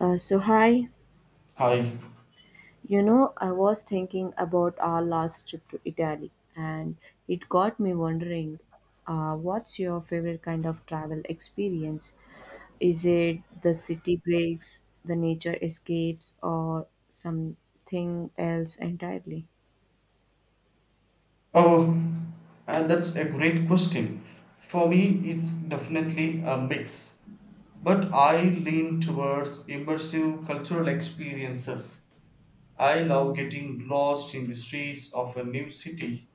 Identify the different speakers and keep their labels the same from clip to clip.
Speaker 1: Hi,
Speaker 2: Hi.
Speaker 1: I was thinking about our last trip to Italy, and it got me wondering, what's your favorite kind of travel experience? Is it the city breaks, the nature escapes, or something else entirely?
Speaker 2: Oh, and that's a great question. For me, it's definitely a mix, but I lean towards immersive cultural experiences. I love getting lost in the streets of a new city,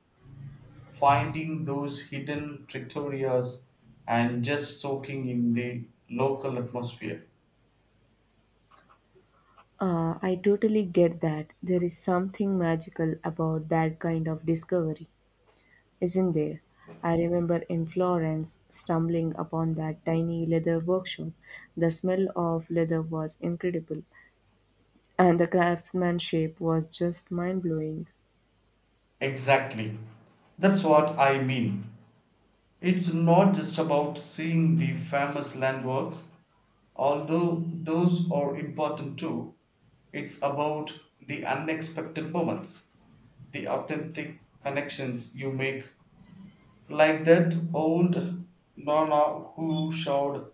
Speaker 2: finding those hidden trattorias, and just soaking in the local atmosphere.
Speaker 1: I totally get that. There is something magical about that kind of discovery. Isn't there? I remember in Florence stumbling upon that tiny leather workshop. The smell of leather was incredible, and the craftsmanship was just mind blowing.
Speaker 2: Exactly. That's what I mean. It's not just about seeing the famous landmarks, although those are important too. It's about the unexpected moments, the authentic connections you make, like that old Nonna who showed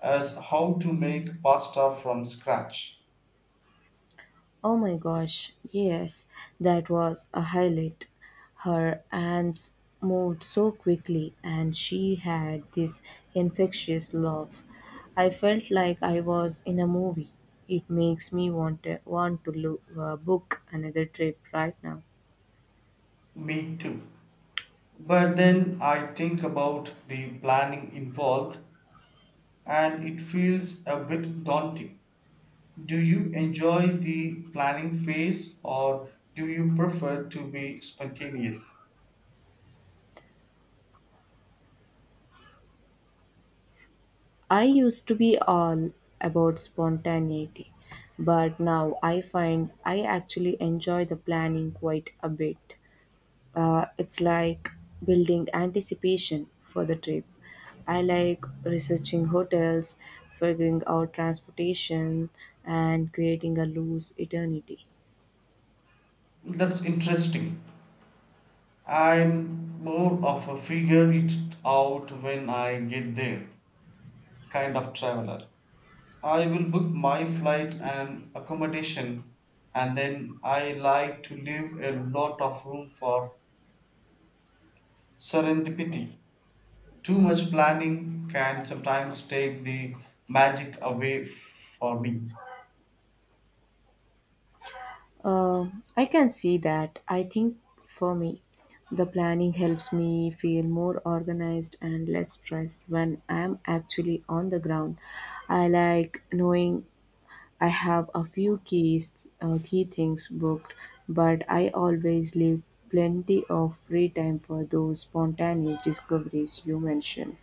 Speaker 2: us how to make pasta from scratch.
Speaker 1: Oh my gosh, yes, that was a highlight. Her hands moved so quickly, and she had this infectious love. I felt like I was in a movie. It makes me want to look, book another trip right now.
Speaker 2: Me too. But then I think about the planning involved, and it feels a bit daunting. Do you enjoy the planning phase or do you prefer to be spontaneous?
Speaker 1: I used to be all about spontaneity, but now I find I actually enjoy the planning quite a bit. It's like building anticipation for the trip. I like researching hotels, figuring out transportation, and creating a loose eternity.
Speaker 2: That's interesting. I'm more of a figure it out when I get there kind of traveler. I will book my flight and accommodation, and then I like to leave a lot of room for serendipity. Too much planning can sometimes take the magic away for me.
Speaker 1: I can see that. I think for me, the planning helps me feel more organized and less stressed when I'm actually on the ground. I like knowing I have a few key things booked, but I always leave plenty of free time for those spontaneous discoveries you mentioned.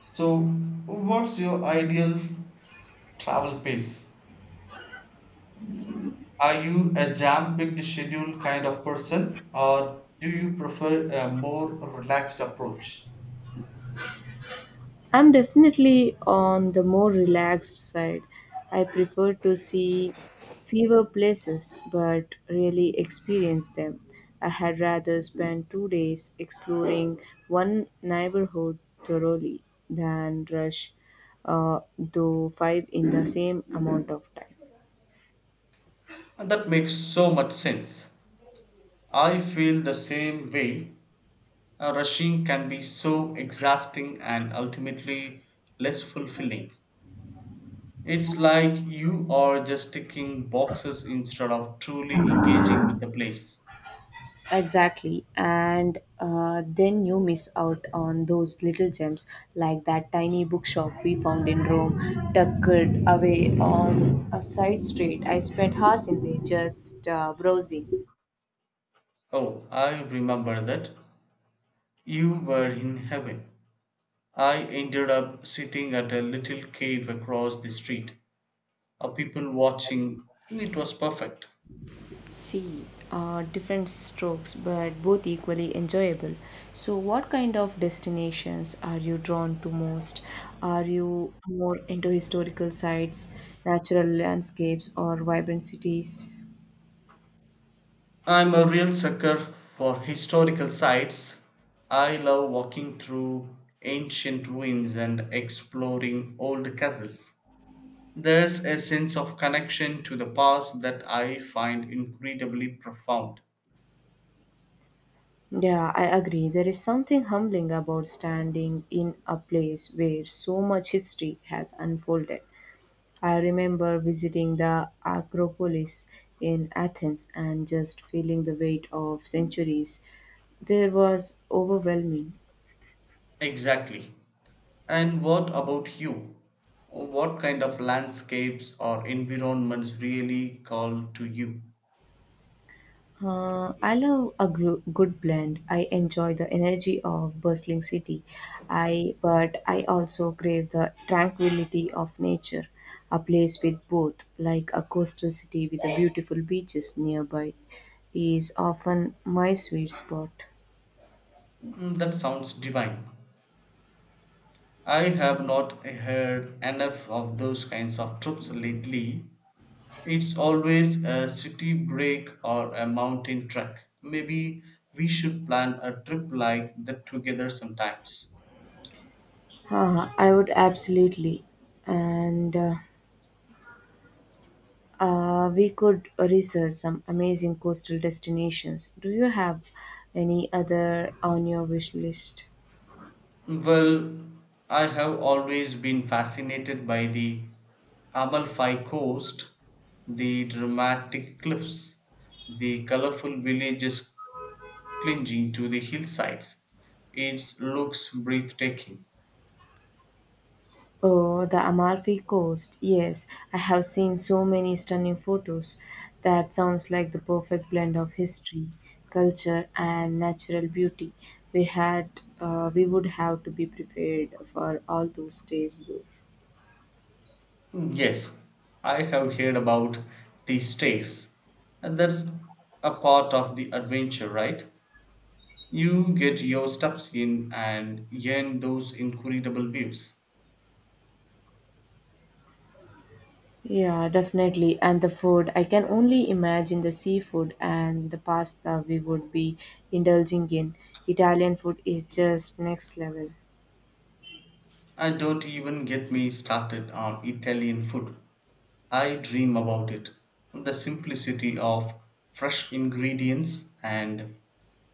Speaker 2: So, what's your ideal travel pace? Are you a jam-packed schedule kind of person, or do you prefer a more relaxed approach?
Speaker 1: I'm definitely on the more relaxed side. I prefer to see fewer places but really experience them. I had rather spend 2 days exploring one neighborhood thoroughly than rush uh, through five in the same amount of time.
Speaker 2: And that makes so much sense. I feel the same way. Rushing can be so exhausting and ultimately less fulfilling. It's like you are just ticking boxes instead of truly engaging with the place.
Speaker 1: Exactly. And then you miss out on those little gems like that tiny bookshop we found in Rome, tucked away on a side street. I spent hours in there just browsing.
Speaker 2: Oh, I remember that. You were in heaven. I ended up sitting at a little cave across the street, a people watching. It was perfect.
Speaker 1: See, different strokes, but both equally enjoyable. So, what kind of destinations are you drawn to most? Are you more into historical sites, natural landscapes, or vibrant cities?
Speaker 2: I'm a real sucker for historical sites. I love walking through ancient ruins and exploring old castles. There's a sense of connection to the past that I find incredibly profound.
Speaker 1: Yeah, I agree. There is something humbling about standing in a place where so much history has unfolded. I remember visiting the Acropolis in Athens and just feeling the weight of centuries. There was overwhelming.
Speaker 2: Exactly. And what about you? What kind of landscapes or environments really call to you?
Speaker 1: I love a good blend. I enjoy the energy of bustling city, I but I also crave the tranquility of nature, a place with both, like a coastal city with the beautiful beaches nearby, is often my sweet spot.
Speaker 2: Mm, that sounds divine. I have not heard enough of those kinds of trips lately. It's always a city break or a mountain trek. Maybe we should plan a trip like that together sometimes.
Speaker 1: I would absolutely, and we could research some amazing coastal destinations. Do you have any other on your wish list?
Speaker 2: Well, I have always been fascinated by the Amalfi Coast, the dramatic cliffs, the colorful villages clinging to the hillsides. It looks breathtaking.
Speaker 1: Oh, the Amalfi Coast. Yes, I have seen so many stunning photos. That sounds like the perfect blend of history, culture, and natural beauty. We would have to be prepared for all those days, though.
Speaker 2: Yes, I have heard about the stairs, and that's a part of the adventure, right? You get your steps in and gain those incredible views.
Speaker 1: Yeah, definitely. And the food, I can only imagine the seafood and the pasta we would be indulging in. Italian food is just next level.
Speaker 2: I don't even get me started on Italian food. I dream about it. The simplicity of fresh ingredients and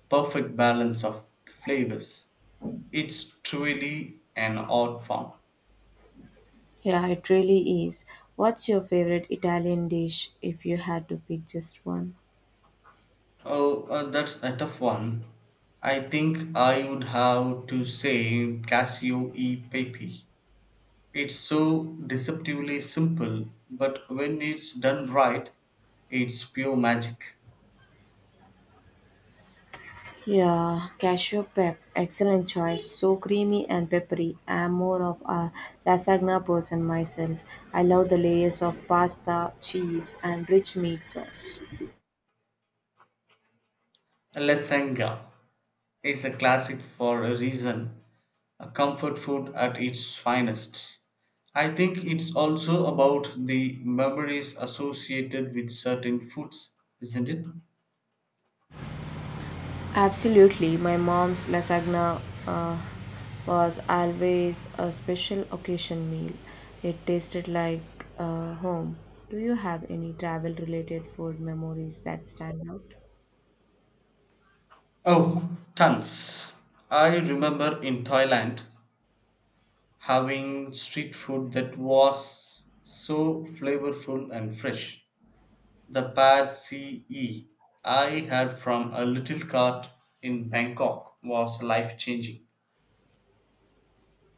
Speaker 2: perfect balance of flavors. It's truly an art form.
Speaker 1: Yeah, it really is. What's your favorite Italian dish if you had to pick just one?
Speaker 2: Oh, that's a tough one. I think I would have to say Casio e Pepe. It's so deceptively simple, but when it's done right, it's pure magic.
Speaker 1: Yeah, cashew pep, excellent choice. So creamy and peppery. I am more of a lasagna person myself. I love the layers of pasta, cheese, and rich meat sauce.
Speaker 2: La is a classic for a reason, a comfort food at its finest. I think it's also about the memories associated with certain foods, isn't it?
Speaker 1: Absolutely, my mom's lasagna was always a special occasion meal. It tasted like home. Do you have any travel related food memories that stand out?
Speaker 2: Oh, tons. I remember in Thailand having street food that was so flavorful and fresh. The pad CE I had from a little cart in Bangkok was life changing.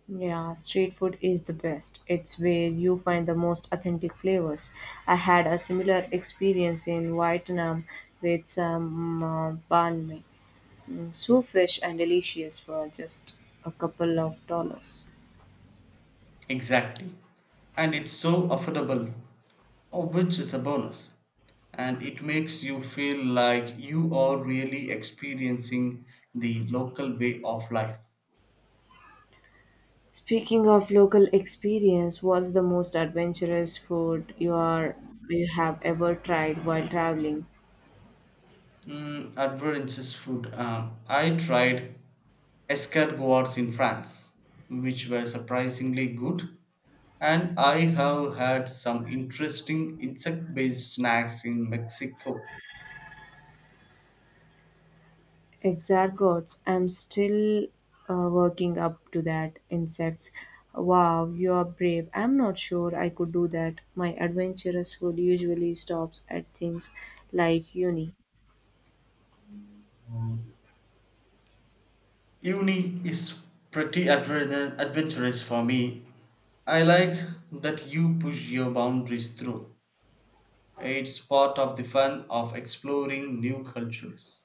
Speaker 1: Yeah, street food is the best. It's where you find the most authentic flavors. I had a similar experience in Vietnam with some banh mi. Mm, so fresh and delicious for just a couple of dollars.
Speaker 2: Exactly. And it's so affordable, which is a bonus. And it makes you feel like you are really experiencing the local way of life.
Speaker 1: Speaking of local experience, what's the most adventurous food you have ever tried while traveling?
Speaker 2: Mm, adventurous food. I tried escargots in France, which were surprisingly good. And I have had some interesting insect based snacks in Mexico.
Speaker 1: Exargots, I'm still working up to that. Insects, wow, you are brave. I'm not sure I could do that. My adventurous food usually stops at things like uni.
Speaker 2: Uni is pretty adventurous for me. I like that you push your boundaries through. It's part of the fun of exploring new cultures.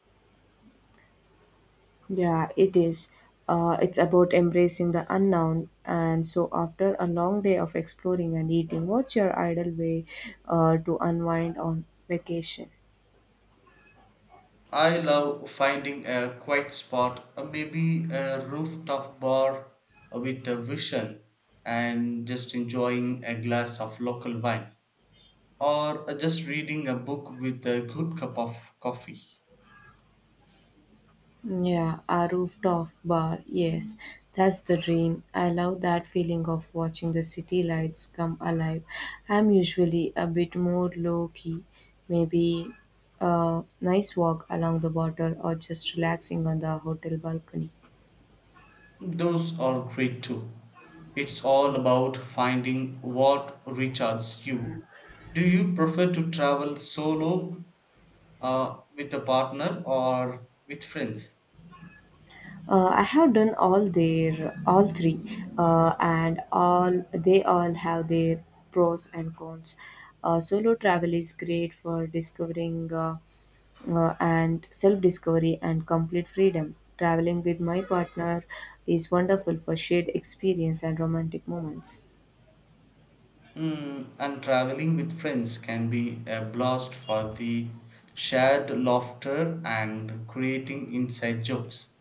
Speaker 1: Yeah, it is. It's about embracing the unknown. And so, after a long day of exploring and eating, what's your ideal way to unwind on vacation?
Speaker 2: I love finding a quiet spot, maybe a rooftop bar with a vision, and just enjoying a glass of local wine, or just reading a book with a good cup of coffee.
Speaker 1: Yeah, a rooftop bar. Yes, that's the dream. I love that feeling of watching the city lights come alive. I'm usually a bit more low key, maybe a nice walk along the water or just relaxing on the hotel balcony.
Speaker 2: Those are great too. It's all about finding what recharges you. Do you prefer to travel solo, with a partner, or with friends?
Speaker 1: I have done all three, and all have their pros and cons. Solo travel is great for discovering and self discovery and complete freedom. Traveling with my partner is wonderful for shared experience and romantic moments.
Speaker 2: Mm, and traveling with friends can be a blast for the shared laughter and creating inside jokes.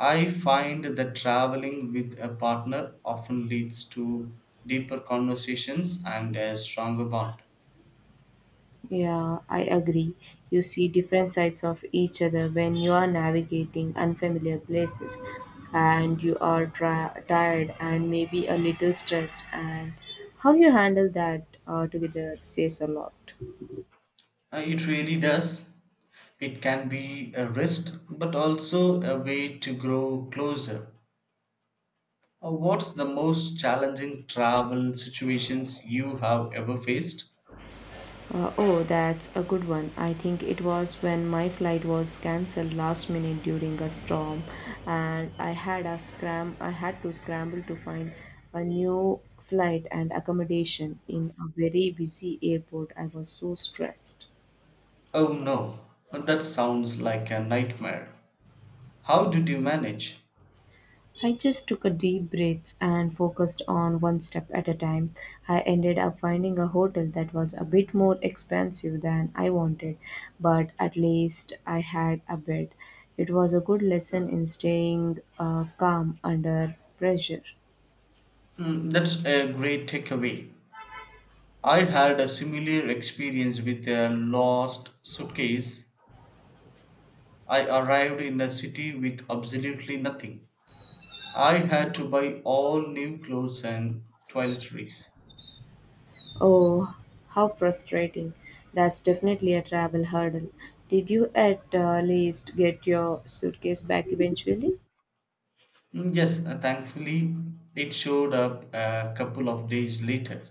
Speaker 2: I find that traveling with a partner often leads to deeper conversations and a stronger bond.
Speaker 1: Yeah, I agree. You see different sides of each other when you are navigating unfamiliar places and you are tired and maybe a little stressed, and how you handle that together says a lot.
Speaker 2: It really does. It can be a risk, but also a way to grow closer. What's the most challenging travel situations you have ever faced?
Speaker 1: Oh, that's a good one. I think it was when my flight was cancelled last minute during a storm, and I had a scram. I had to scramble to find a new flight and accommodation in a very busy airport. I was so stressed.
Speaker 2: Oh no, that sounds like a nightmare. How did you manage?
Speaker 1: I just took a deep breath and focused on one step at a time. I ended up finding a hotel that was a bit more expensive than I wanted, but at least I had a bed. It was a good lesson in staying calm under pressure.
Speaker 2: Hmm, that's a great takeaway. I had a similar experience with a lost suitcase. I arrived in a city with absolutely nothing. I had to buy all new clothes and toiletries.
Speaker 1: Oh, how frustrating. That's definitely a travel hurdle. Did you at least get your suitcase back eventually?
Speaker 2: Mm, yes, thankfully it showed up a couple of days later.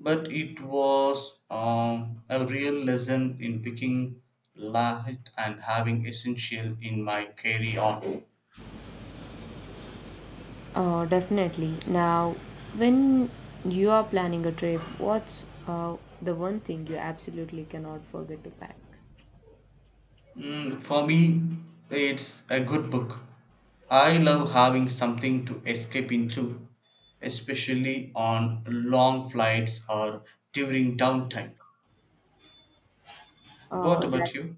Speaker 2: But it was a real lesson in picking light and having essential in my carry on.
Speaker 1: Definitely. Now, when you are planning a trip, what's the one thing you absolutely cannot forget to pack?
Speaker 2: Mm, for me, it's a good book. I love having something to escape into, especially on long flights or during downtime. What
Speaker 1: Oh,
Speaker 2: about you?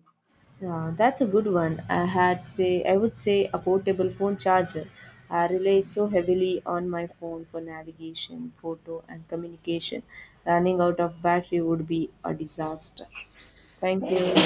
Speaker 1: that's a good one. I would say a portable phone charger. I rely so heavily on my phone for navigation, photo, and communication. Running out of battery would be a disaster. Thank you.